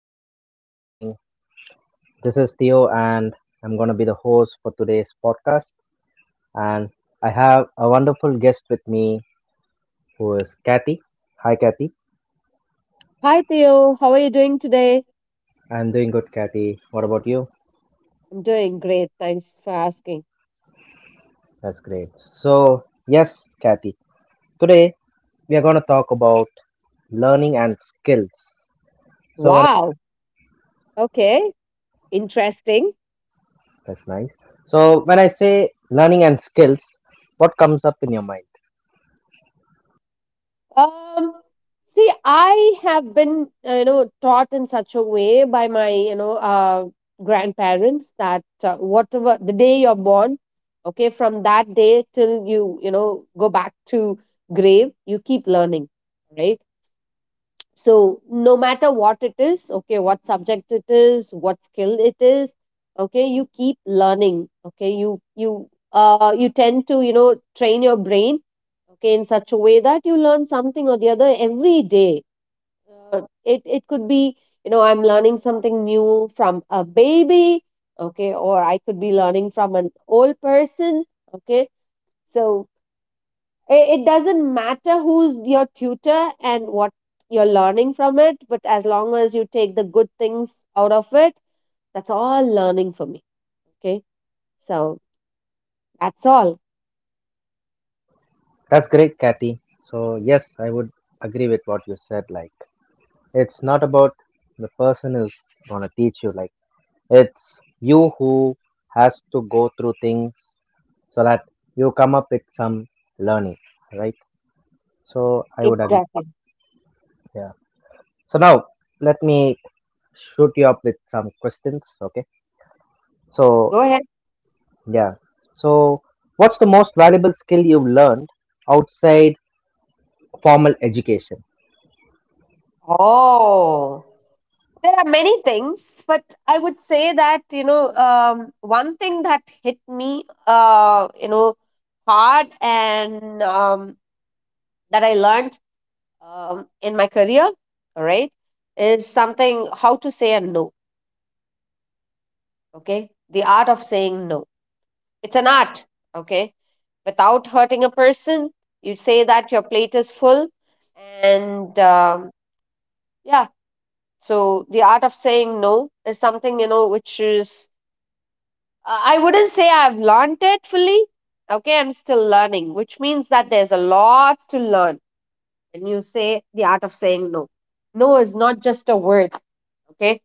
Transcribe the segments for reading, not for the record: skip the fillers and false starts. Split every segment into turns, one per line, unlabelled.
good afternoon, good evening. This is Theo, and I'm going to be the host for today's podcast. And I have a wonderful guest with me who is Kathy. Hi, Kathy.
Hi Theo, how are you doing today?
I'm doing good, Kathy. What about you?
I'm doing great, thanks for asking.
That's great. So, yes, Kathy, today we are going to talk about learning and skills. So, when I
Wow, okay, interesting.
That's nice. So, when I say learning and skills, what comes up in your mind?
Um, see, I have been, taught in such a way by my grandparents that whatever the day you're born, okay, from that day till you go back to grave, you keep learning, right? So no matter what it is, okay, what subject it is, what skill it is, okay, you keep learning. Okay, you you tend to train your brain, okay, in such a way that you learn something or the other every day. It could be, I'm learning something new from a baby, okay, or I could be learning from an old person. Okay, so it doesn't matter who's your tutor and what you're learning from it, but as long as you take the good things out of it, that's all learning for me. Okay, so that's all.
That's great, Kathy. So, yes, I would agree with what you said. Like, it's not about the person is going to teach you, like, it's you who has to go through things so that you come up with some learning, right? So, I would agree.
Exactly.
Yeah. So, now let me shoot you up with some questions, okay? So,
Go ahead.
yeah. So, what's the most valuable skill you've learned outside formal education?
Oh, there are many things, but I would say that one thing that hit me hard, and that I learned, in my career, all right, is something: how to say a no. Okay, the art of saying no. It's an art, okay, without hurting a person. You say that your plate is full, and yeah. So the art of saying no is something, which is, I wouldn't say I've learned it fully. Okay, I'm still learning, which means that there's a lot to learn. When you say the art of saying no, no is not just a word. Okay,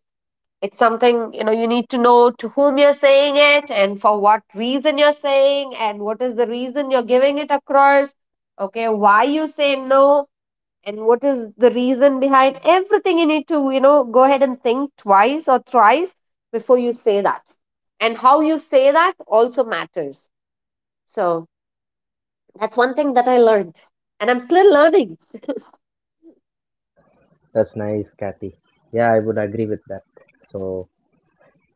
it's something, you need to know to whom you're saying it and for what reason you're saying, and what is the reason you're giving it across. Okay, why you say no and what is the reason behind everything. You need to go ahead and think twice or thrice before you say that. And how you say that also matters. So that's one thing that I learned, and I'm still learning.
That's nice, Kathy. Yeah, I would agree with that. So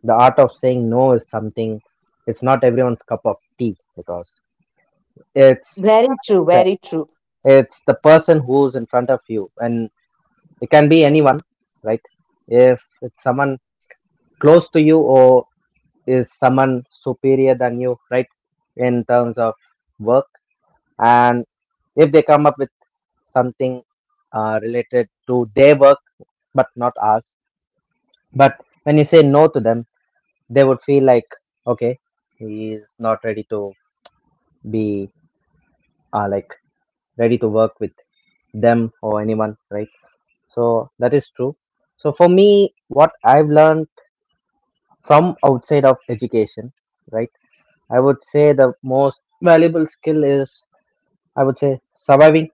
the art of saying no is something. It's not everyone's cup of tea because it's
Very true, very true.
it's the person who's in front of you, and it can be anyone, right? If it's someone close to you or is someone superior than you, right, in terms of work, and if they come up with something related to their work but not ours, but when you say no to them, they would feel like, okay, he is not ready to be, like, ready to work with them or anyone, right? So that is true. So for me, what I've learned from outside of education, right, I would say the most valuable skill is, I would say, surviving,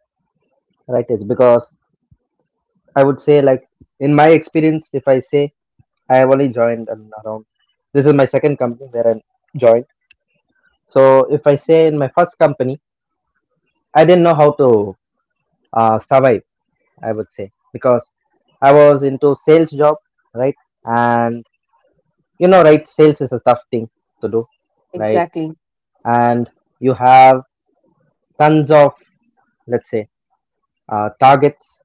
right? It's because I would say, like, in my experience, if I say, I have only joined around, this is my second company where I joined. So if I say in my first company, I didn't know how to survive, I would say, because I was into sales job, right? And, you know, right, sales is a tough thing to do, right?
Exactly.
And you have tons of, let's say, targets.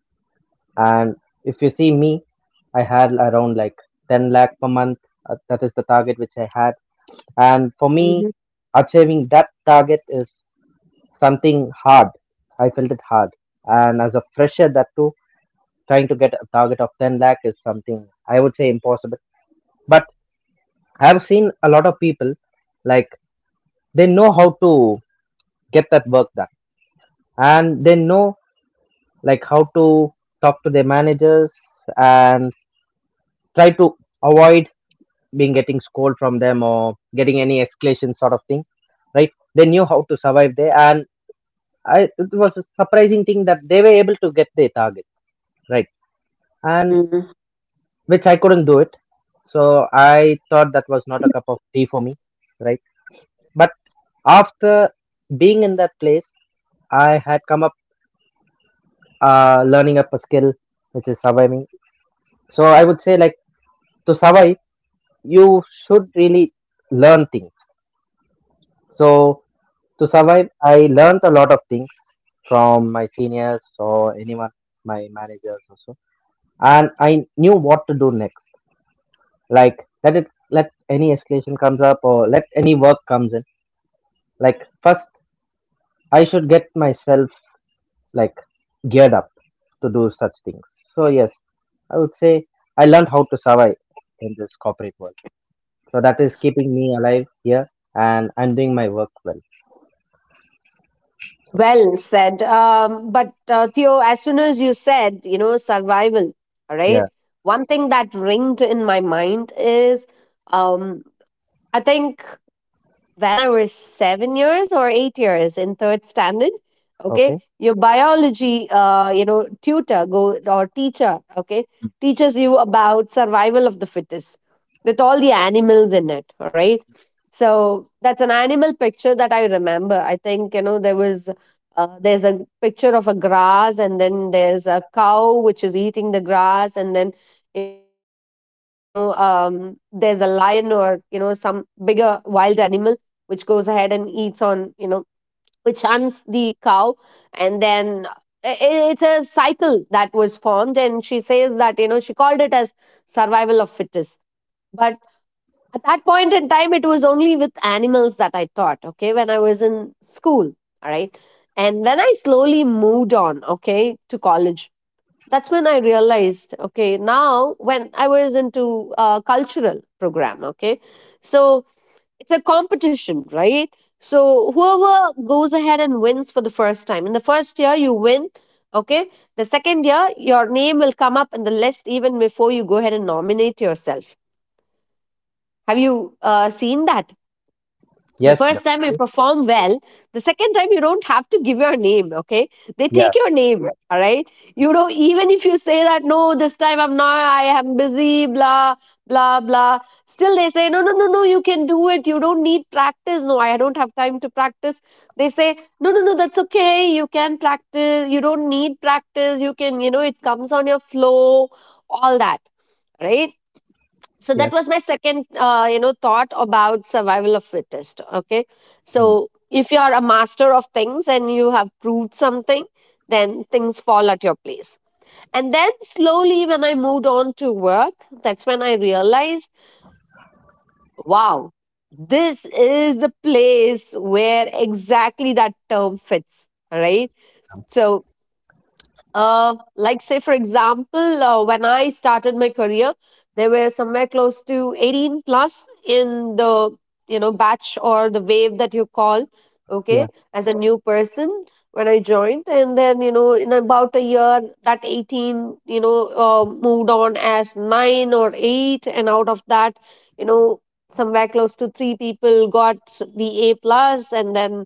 And if you see me, I had around like 10 lakh per month. That is the target which I had. And for me, achieving that target is something hard. I felt it hard. And as a fresher, that too, trying to get a target of 10 lakh is something I would say impossible. But I've seen a lot of people, like, they know how to get that work done, and they know, like, how to talk to their managers and try to avoid being getting scold from them or getting any escalation sort of thing, right? They knew how to survive there, and it was a surprising thing that they were able to get their target, right? and.
Hmm.
Which I couldn't do it. So I thought that was not a cup of tea for me, right? But after being in that place, I had come up learning up a skill, which is surviving. So I would say, like, to survive, you should really learn things. So to survive, I learned a lot of things from my seniors or anyone, my managers also, and I knew what to do next. Like, let any escalation comes up or let any work comes in, like, first I should get myself, like, geared up to do such things. So yes, I would say I learned how to survive in this corporate world. So that is keeping me alive here, and I'm doing my work well. So
Well said. But Theo, as soon as you said, survival, all right,
yeah,
one thing that ringed in my mind is, um, I think when I was 7 years or 8 years in third standard, okay,
okay.
your biology, tutor go or teacher, okay, teaches you about survival of the fittest with all the animals in it. All right, so that's an animal picture that I remember. I think you know there was. There's a picture of a grass, and then there's a cow which is eating the grass, and then there's a lion or some bigger wild animal which goes ahead and eats on, which hunts the cow. And then it's a cycle that was formed. And she says that, she called it as survival of fittest. But at that point in time, it was only with animals that I thought, okay, when I was in school. All right. And when I slowly moved on, okay, to college, that's when I realized, okay, now when I was into cultural program, okay, so it's a competition, right? So whoever goes ahead and wins for the first time in the first year, you win. Okay, the second year, your name will come up in the list even before you go ahead and nominate yourself. Have you seen that? The
Yes,
first time you perform well, the second time you don't have to give your name. Okay, they take
yeah.
your name. Right, all right. Even if you say that, no, this time I'm not, I am busy, blah blah blah, still they say, no no no no, you can do it, you don't need practice. No, I don't have time to practice. They say, no no no, that's okay, you can practice, you don't need practice, you can, it comes on your flow, all that, right? So that was
Yes,
my second, thought about survival of fittest. Okay, so
hmm.
if you are a master of things and you have proved something, then things fall at your place. And then slowly, when I moved on to work, that's when I realized, wow, this is the place where exactly that term fits, right? So, like, say, for example, when I started my career, there were somewhere close to 18 plus in the, batch or the wave that you call. Okay,
Yeah,
as a new person, when I joined, and then, in about a year, that 18, moved on as 9 or 8, and out of that, you know somewhere close to three people got the A plus, and then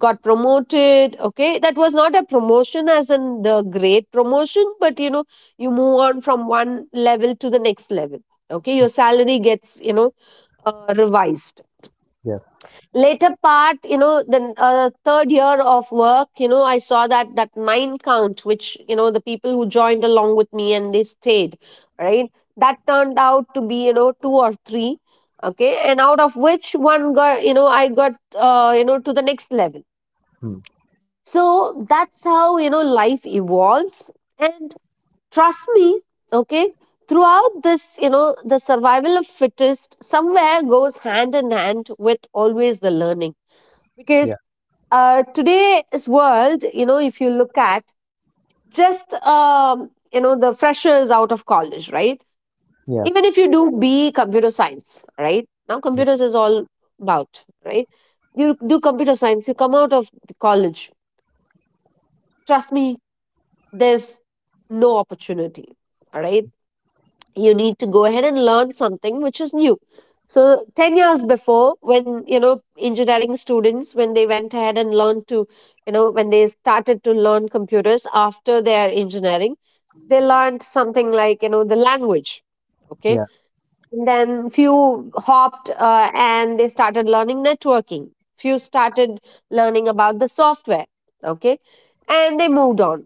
got promoted. Okay, that was not a promotion as in the great promotion, but you move on from one level to the next level. Okay, your salary gets, revised.
yes.
Later part, the third year of work, I saw that that nine count, which, the people who joined along with me and they stayed, right, that turned out to be, two or three. Okay, and out of which one got, I got, to the next level.
Hmm.
So that's how, life evolves. And trust me, okay, throughout this, the survival of fittest somewhere goes hand in hand with always the learning. Because,
Yeah,
today's world, if you look at just, the freshers out of college, right?
yeah,
Even if you do BE computer science, right? Now
yeah,
computers is all about, right? You do computer science, you come out of the college. Trust me, there's no opportunity. All right. You need to go ahead and learn something which is new. So 10 years before, when, engineering students, when they went ahead and learned to, when they started to learn computers after their engineering, they learned something like, the language. Okay.
yeah,
And then few hopped, and they started learning networking. Few started learning about the software. Okay. And they moved on.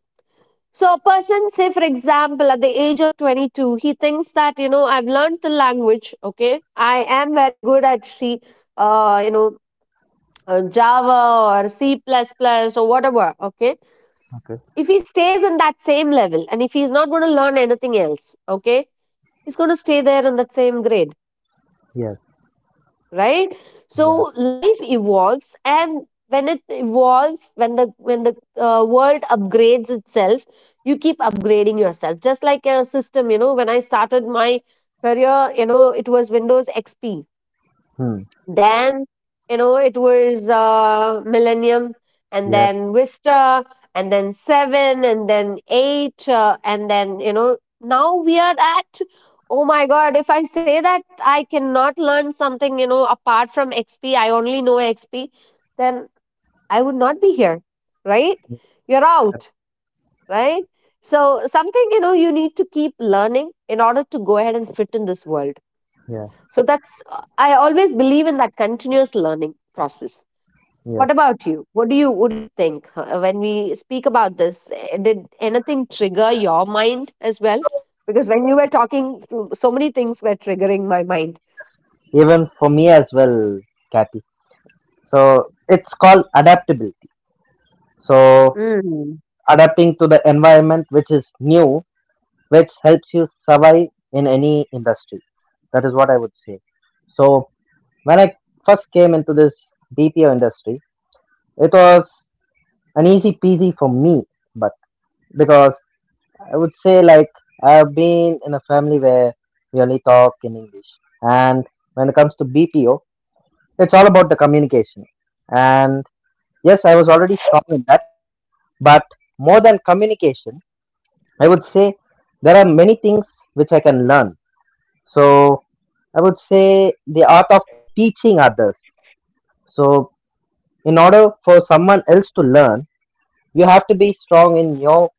So a person, say, for example, at the age of 22, he thinks that, I've learned the language, okay? I am very good at she, uh, you know, Java or C++ plus plus or whatever, okay?
okay.
If he stays in that same level and if he's not going to learn anything else, okay? He's going to stay there in that same grade,
Yes,
right? So
yeah.
life evolves, and when it evolves, when the world upgrades itself, you keep upgrading yourself, just like a system. When I started my career, it was Windows XP,
Hmm.
then, it was Millennium, and
Yeah,
then Vista, and then Seven, and then Eight, and then, now we are at, oh my God, if I say that I cannot learn something, apart from XP, I only know XP, then I would not be here, right? You're
yeah,
out, right? So, something, you need to keep learning in order to go ahead and fit in this world.
yeah.
So that's, I always believe in that continuous learning process. What
Yes,
about you? What do you think when we speak about this? Eh, did anything trigger your mind as well? Because when you were talking, so many things were triggering my mind.
even for me as well, Kathy. So it's called adaptability. So
Mm.
adapting to the environment which is new, which helps you survive in any industry. That is what I would say. So when I first came into this BPO industry, it was an easy peasy for me, but because I would say, like, I've been in a family where we only talk in English, and when it comes to BPO, it's all about the communication. And yes, I was already strong in that, but more than communication, I would say there are many things which I can learn. So I would say the art of teaching others. So in order for someone else to learn, you have to be strong in your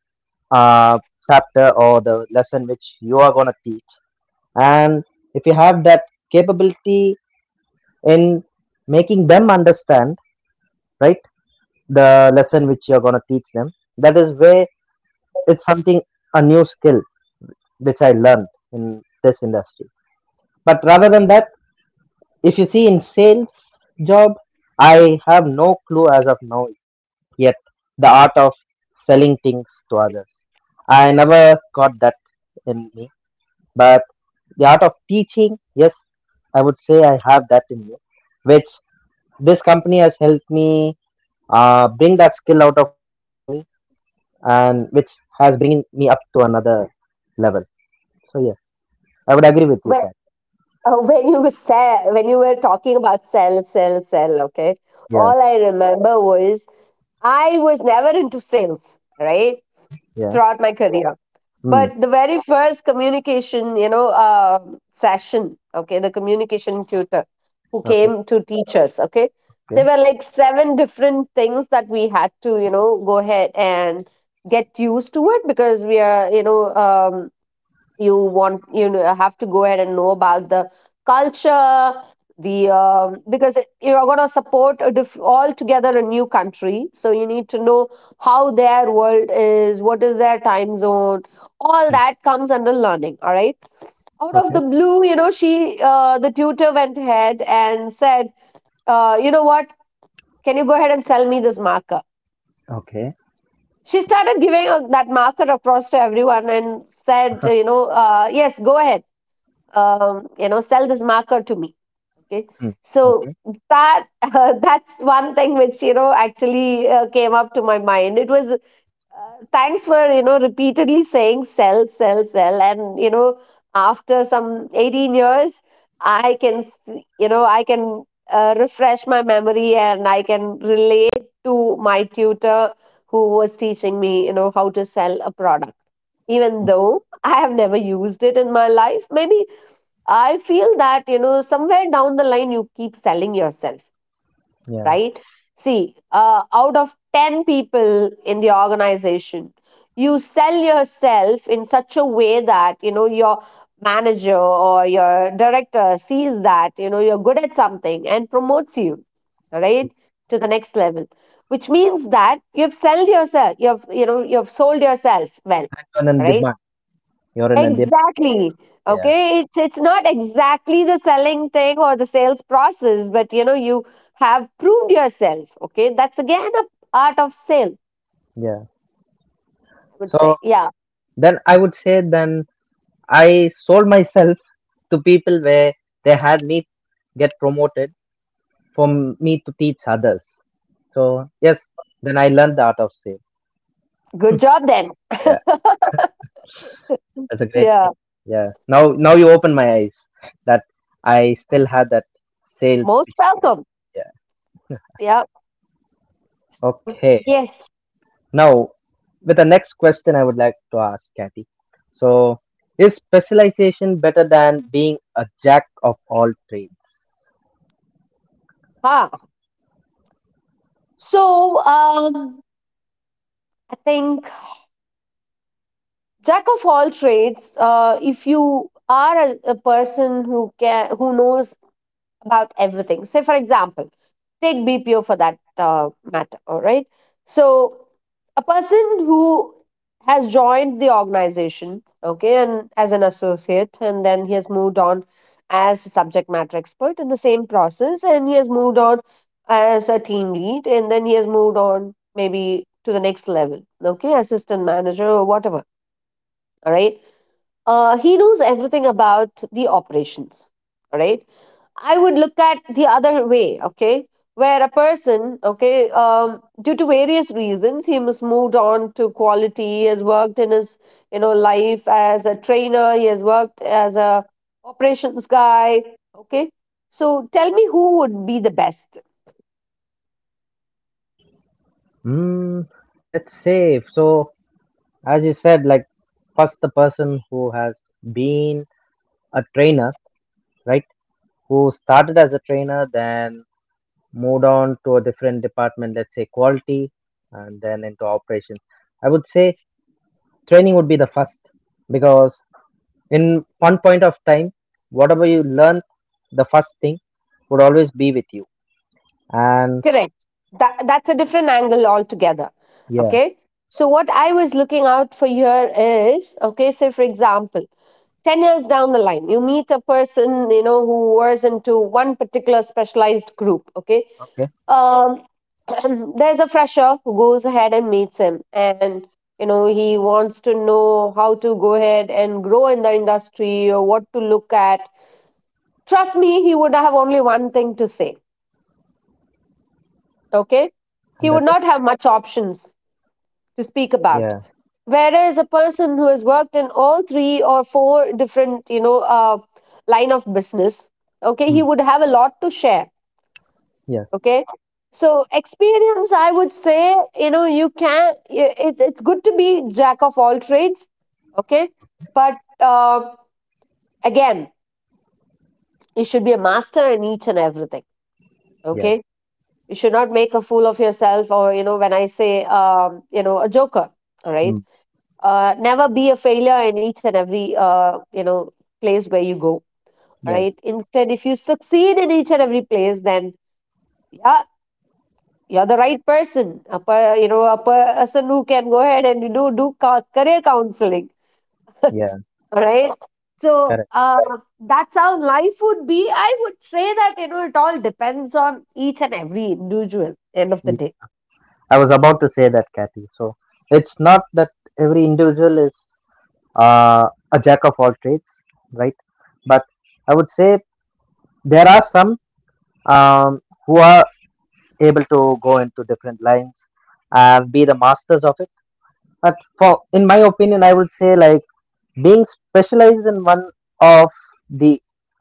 uh, chapter or the lesson which you are going to teach. And if you have that capability in making them understand, right, the lesson which you are going to teach them, that is where it's something, a new skill which I learned in this industry. But rather than that, if you see in sales job, I have no clue as of now yet the art of selling things to others. I never got that in me. But the art of teaching, yes, I would say I have that in me, which this company has helped me bring that skill out of me, and which has bringing me up to another level. So yeah. I would agree with you,
When,
Kat.
when you were when you were talking about sell, sell, sell, okay.
Yeah,
All I remember was I was never into sales, right?
yeah.
Throughout my career.
Hmm.
But the very first communication, session, okay, the communication tutor who
Okay,
came to teach us, okay, there
okay,
were like seven different things that we had to, go ahead and get used to it because we are, you have to go ahead and know about the culture, the because you're going to support altogether a new country, so you need to know how their world is, what is their time zone. All
hmm.
that comes under learning, all right? Out
Okay,
of the blue, you know, she the tutor went ahead and said, you know what, can you go ahead and sell me this marker?
okay,
She started giving that marker across to everyone and said, you know, yes, go ahead, you know, sell this marker to me, okay.
hmm.
So
Okay.
that that's one thing which, you know, actually came up to my mind. It was thanks for, you know, repeatedly saying sell, sell, sell, and you know, after some 18 years, you know, I can refresh my memory and I can relate to my tutor who was teaching me, you know, how to sell a product, even though I have never used it in my life. Maybe I feel that, you know, somewhere down the line, you keep selling yourself,
Yeah.
right? See, out of 10 people in the organization, you sell yourself in such a way that, you know, your manager or your director sees that, you know, you're good at something and promotes you, right, to the next level, which means that you've sold yourself, you've, you know, you've sold yourself well,
You're in a
right?
demand. You're in a demand.
Exactly.
Yeah,
Okay, it's not exactly the selling thing or the sales process, but you know, you have proved yourself. Okay, that's again a art of sale, I
yeah.
would say.
So
Yeah,
then I would say then I sold myself to people where they had me get promoted for me to teach others. So yes, then I learned the art of sale.
good job then.
Yeah, that's a great
Yeah,
thing. Yeah. Now, now you open my eyes that I still had that sales
most
pitch, right?
welcome.
Yeah.
Yeah. So
Okay.
yes,
Now, with the next question, I would like to ask Kathy. So, is specialization better than being a jack of all trades?
huh. So I think jack of all trades. If you are a person who knows about everything. Say, for example, take BPO for that matter, all right? So, a person who has joined the organization, okay, and as an associate, and then he has moved on as a subject matter expert in the same process, and he has moved on as a team lead, and then he has moved on maybe to the next level, okay, assistant manager or whatever, all right? He knows everything about the operations, all right? I would look at the other way, okay, where a person, okay, due to various reasons, he has moved on to quality. He has worked in his, you know, life as a trainer. He has worked as a operations guy, okay. So tell me, who would be the best?
Hmm, let's say so. As you said, like, first, the person who has been a trainer, right? Who started as a trainer, then moved on to a different department, let's say quality, and then into operations. I would say training would be the first, because in one point of time, whatever you learn, the first thing would always be with you. And
Correct. That's a different angle altogether,
yeah.
okay. So what I was looking out for here is, okay, say for example. 10 years down the line, you meet a person, you know, who was into one particular specialized group, okay.
Okay.
um, there's a fresher who goes ahead and meets him and, you know, he wants to know how to go ahead and grow in the industry or what to look at. Trust me, he would have only one thing to say, okay. He
And that
would
is,
not have much options
yeah.
to speak about. Whereas a person who has worked in all three or four different, you know, line of business,
Hmm.
okay, he would have a lot to share.
Yes,
Okay, so experience, I would say, you know, you can. It's good to be jack of all trades. Okay, but again, you should be a master in each and everything.
yes.
Okay, you should not make a fool of yourself, or you know, when I say, you know, a joker. All
Hmm.
right, never be a failure in each and every you know, place where you go, all
Yes,
right. Instead, if you succeed in each and every place, then yeah, you're the right person, you know, a person who can go ahead and, you know, do career counseling,
yeah,
all right. So
correct.
that's how life would be, I would say, that you know, it all depends on each and every individual end of
Ye-
the day.
I was about to say that, Kathy. So it's not that every individual is uh, a jack of all trades, right? But I would say there are some, who are able to go into different lines and be the masters of it. But for, in my opinion, I would say, like, being specialized in one of the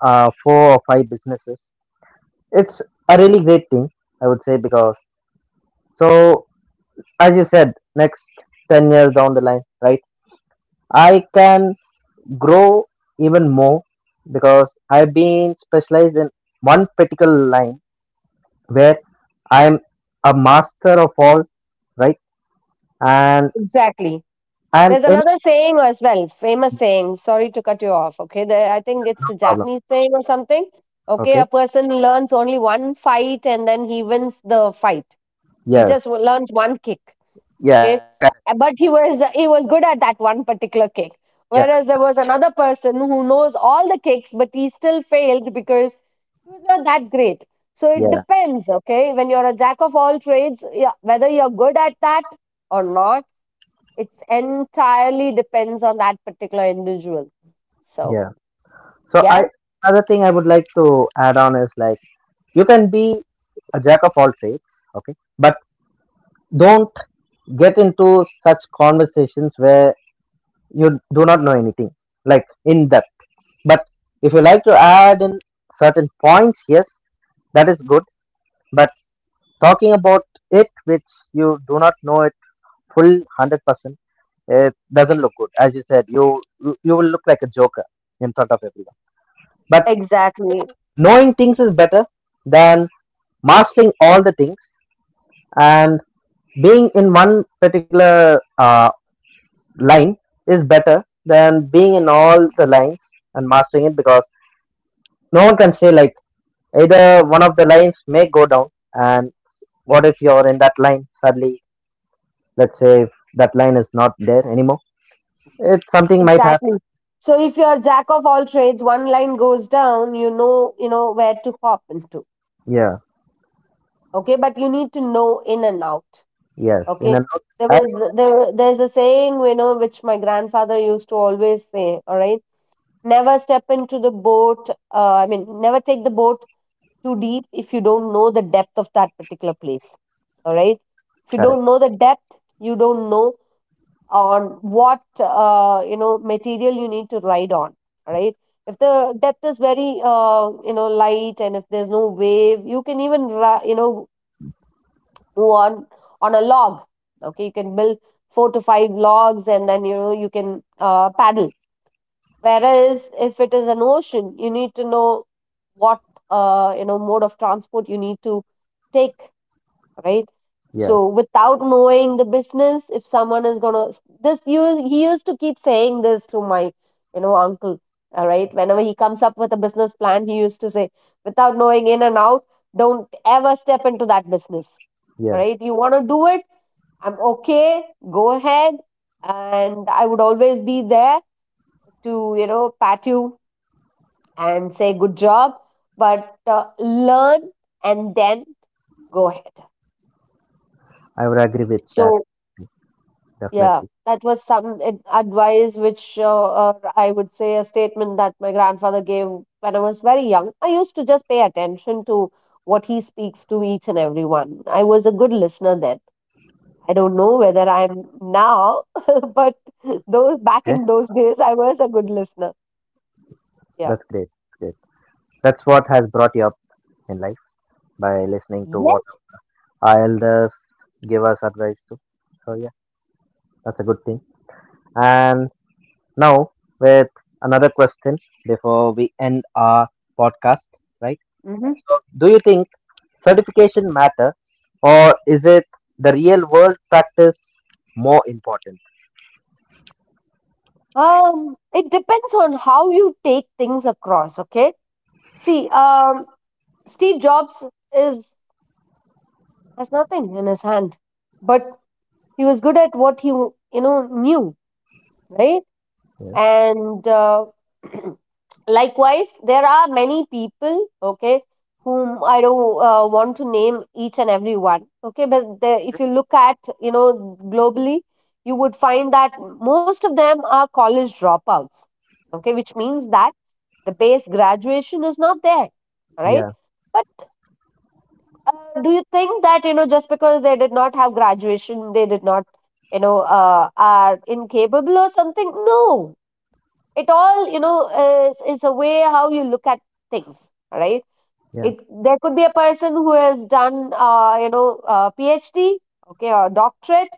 four or five businesses, it's a really great thing, I would say, because so as you said, next 10 years down the line, right? I can grow even more because I've been specialized in one particular line where I'm a master of all, right? And
Exactly.
and
There's
any
another saying as well, famous saying. Sorry to cut you off. Okay, I think it's a
problem.
Japanese saying or something. Okay, a
Okay.
person learns only one fight and then he wins the fight. He just
Yes.
learns one kick.
Yeah.
Okay,
Correct.
uh, but he was good at that one particular kick. Whereas there was another person who knows all the kicks, but he still failed because he was not that great. So it
Yeah,
depends. Okay, when you're a jack of all trades, yeah, whether you're good at that or not, it's entirely depends on that particular individual, so
yeah. So I
yeah.
another thing I would like to add on is, like, you can be a jack of all trades, okay, but don't get into such conversations where you do not know anything, like in depth. But if you like to add in certain points, yes, that is good. But talking about it which you do not know it full 100%, it doesn't look good. As you said, you will look like a joker in front of everyone. But
Exactly,
knowing things is better than mastering all the things, and being in one particular line is better than being in all the lines and mastering it, because no one can say, like, either one of the lines may go down, and what if you're in that line suddenly, let's say if that line is not there anymore, it something might
exactly.
happen.
So if you're jack of all trades, one line goes down, you know, you know where to hop into,
Yeah,
okay, but you need to know in and out.
yes, in
Okay,
a note. uh,
there's a saying, you know, which my grandfather used to always say, all right? Never step into the boat, I mean, never take the boat too deep if you don't know the depth of that particular place. All right. If you
Correct.
don't know the depth, you don't know on what you know, material you need to ride on. All right. If the depth is very you know, light, and if there's no wave, you can even you know, move on a log. Okay, you can build four to five logs and then you know, you can paddle. Whereas if it is an ocean, you need to know what you know, mode of transport you need to take, right?
Yes,
So without knowing the business, if someone is gonna this use he used to keep saying this to my, you know, uncle, all right. Whenever he comes up with a business plan, he used to say, without knowing in and out, don't ever step into that business, all
yes,
right? You wanna do it? I'm okay. Go ahead, and I would always be there to, you know, pat you and say good job, but learn and then go ahead.
I would agree with that,
So, yeah,
definitely.
that was some advice which I would say, a statement that my grandfather gave when I was very young. I used to just pay attention to what he speaks to each and every one. I was a good listener then. I don't know whether I'm now, but
Okay,
those, back in those days, I was a good listener.
that's
Yeah.
great. That's great. That's what has brought you up in life by listening to what
Yes.
our elders give us advice to. So yeah, that's a good thing. And now with another question before we end our podcast, right?
Mm-hmm.
So, do you think certification matter, or is it the real world practice more important?
It depends on how you take things across, okay? See, Steve Jobs is has nothing in his hand, but he was good at what he, you know, knew, right?
Yes.
And likewise, there are many people, okay, whom I don't want to name each and every one, okay? But if you look at, you know, globally, you would find that most of them are college dropouts, okay? Which means that the base graduation is not there, right?
Yeah.
But do you think that you know, just because they did not have graduation, they did not, you know, are incapable or something? No. It all, you know, is a way how you look at things, right?
Yeah.
It, there could be a person who has done you know, PhD, okay, or doctorate,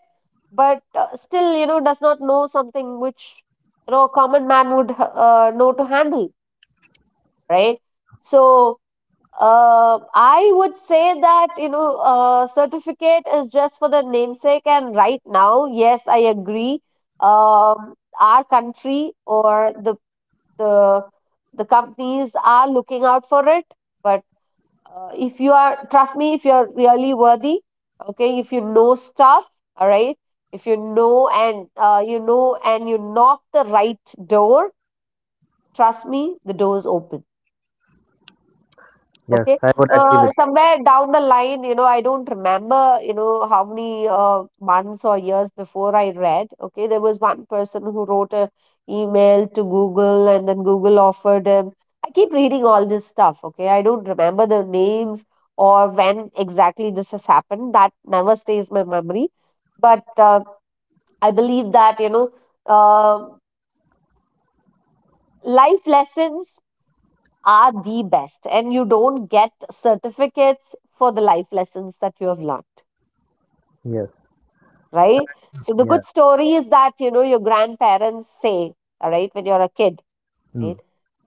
but still, you know, does not know something which, you know, a common man would know to handle, right? So uh, I would say that, you know, certificate is just for the namesake, and right now, yes, I agree. Um, our country or the the companies are looking out for it, but if you are, trust me, if you're really worthy, okay, if you know stuff, all right, if you know and, you know, and you knock the right door, trust me, the door is open.
Yes, I
Okay.
would agree with that.
Somewhere down the line, you know, I don't remember, you know, how many months or years before I read. Okay. There was one person who wrote a email to Google, and then Google offered him. I keep reading all this stuff. Okay. I don't remember the names or when exactly this has happened. That never stays my memory. But I believe that, you know, uh, life lessons are the best, and you don't get certificates for the life lessons that you have learnt,
Yes.
right? So the
Yeah.
good story is that, you know, your grandparents say, all right, when you're a kid,
Hmm.
right?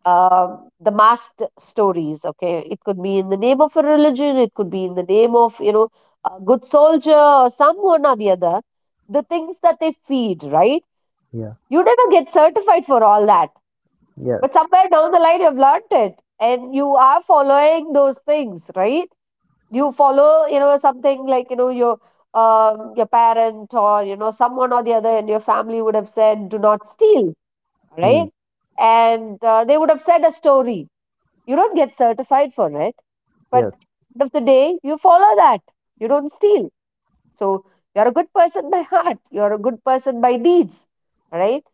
The masked stories, okay, it could be in the name of a religion, it could be in the name of, you know, a good soldier or someone or the other, the things that they feed, right?
Yeah.
You never get certified for all that,
Yes.
but somewhere down the line, you've learnt it, and you are following those things, right? You follow, you know, something like, you know, your parent or, you know, someone or the other in your family would have said, do not steal,
Hmm.
right? And they would have said a story, you don't get certified for it, but
Yes.
end of the day, you follow that, you don't steal. So you're a good person by heart, you're a good person by deeds, right?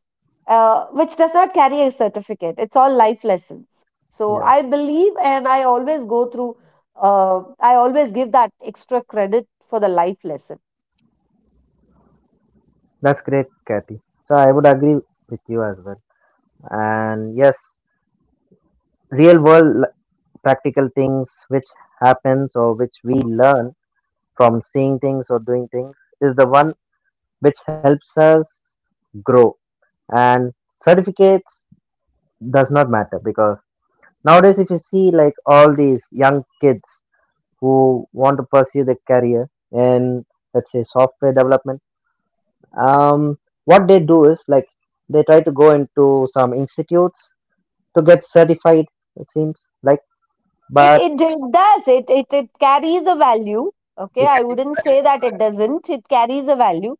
Uh, which does not carry a certificate. It's all life lessons. So
Yeah.
I believe, and I always go through. I always give that extra credit for the life lesson.
That's great, Kathy. So I would agree with you as well. And yes, real world practical things which happens, or which we learn from seeing things or doing things, is the one which helps us grow. And certificates does not matter, because nowadays, if you see, like, all these young kids who want to pursue their career in, let's say, software development, um, what they do is, like, they try to go into some institutes to get certified. It seems like,
It
but
it, it does it, carries a value. Okay,
they
I
can,
wouldn't say that it doesn't. It carries a value,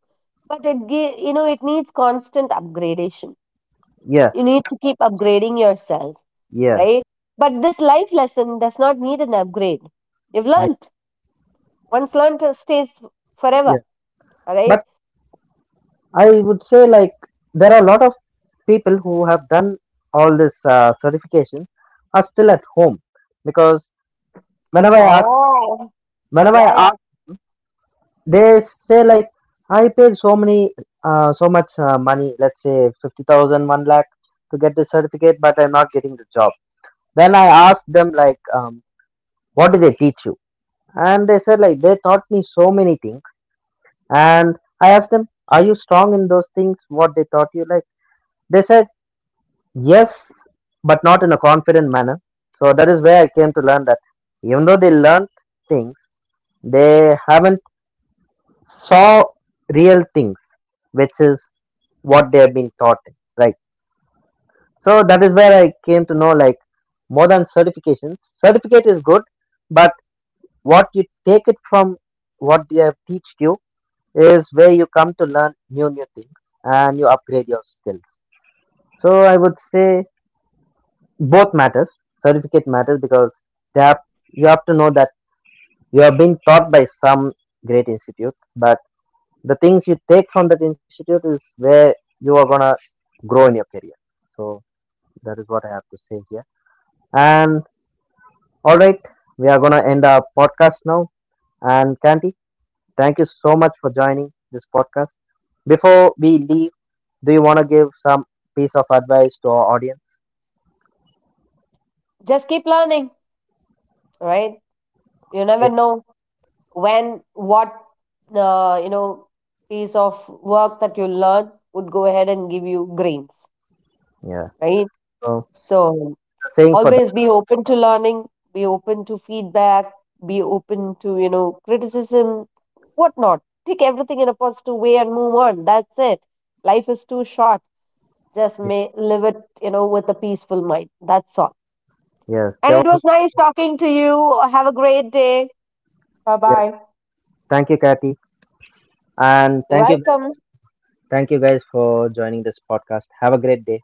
but you know, it needs constant upgradation.
yeah,
You need to keep upgrading yourself,
yeah,
right? But this life lesson does not need an upgrade. You've
yeah,
learnt. Once learnt stays
yeah.
forever, right?
But I would say, like, there are a lot of people who have done all this certification are still at home, because whenever I ask,
Oh,
whenever I
yeah.
ask, they say, like, I paid so much money, let's say 50,000, one lakh, to get this certificate, but I'm not getting the job. Then I asked them, like, what did they teach you? And they said, like, they taught me so many things. And I asked them, are you strong in those things what they taught you, like? They said yes, but not in a confident manner. So that is where I came to learn that even though they learned things, they haven't saw real things, which is what they have been taught. Right. So that is where I came to know, like, more than certifications. Certificate is good, but what you take it from what they have teached you is where you come to learn new things, and you upgrade your skills. So I would say both matters. Certificate matters because they have, you have to know that you are being taught by some great institute, but the things you take from that institute is where you are going to grow in your career. So that is what I have to say here. And all right, we are going to end our podcast now. And Kanti, thank you so much for joining this podcast. Before we leave, do you want to give some piece of advice to our audience?
Just keep learning, right? You never
Okay.
know when, what, you know, piece of work that you learn would go ahead and give you grains,
Yeah.
right?
So
So
saying for that.
always be open to learning, be open to feedback, be open to, you know, criticism, whatnot. Take everything in a positive way and move on. That's it. Life is too short. Just
Yeah.
may live it, you know, with a peaceful mind. That's all.
Yes.
And
There
it
was.
was nice talking to you. Have a great day. Bye
Yeah.
bye.
Thank you, Kathy, and
You're welcome.
thank you guys for joining this podcast. Have a great day.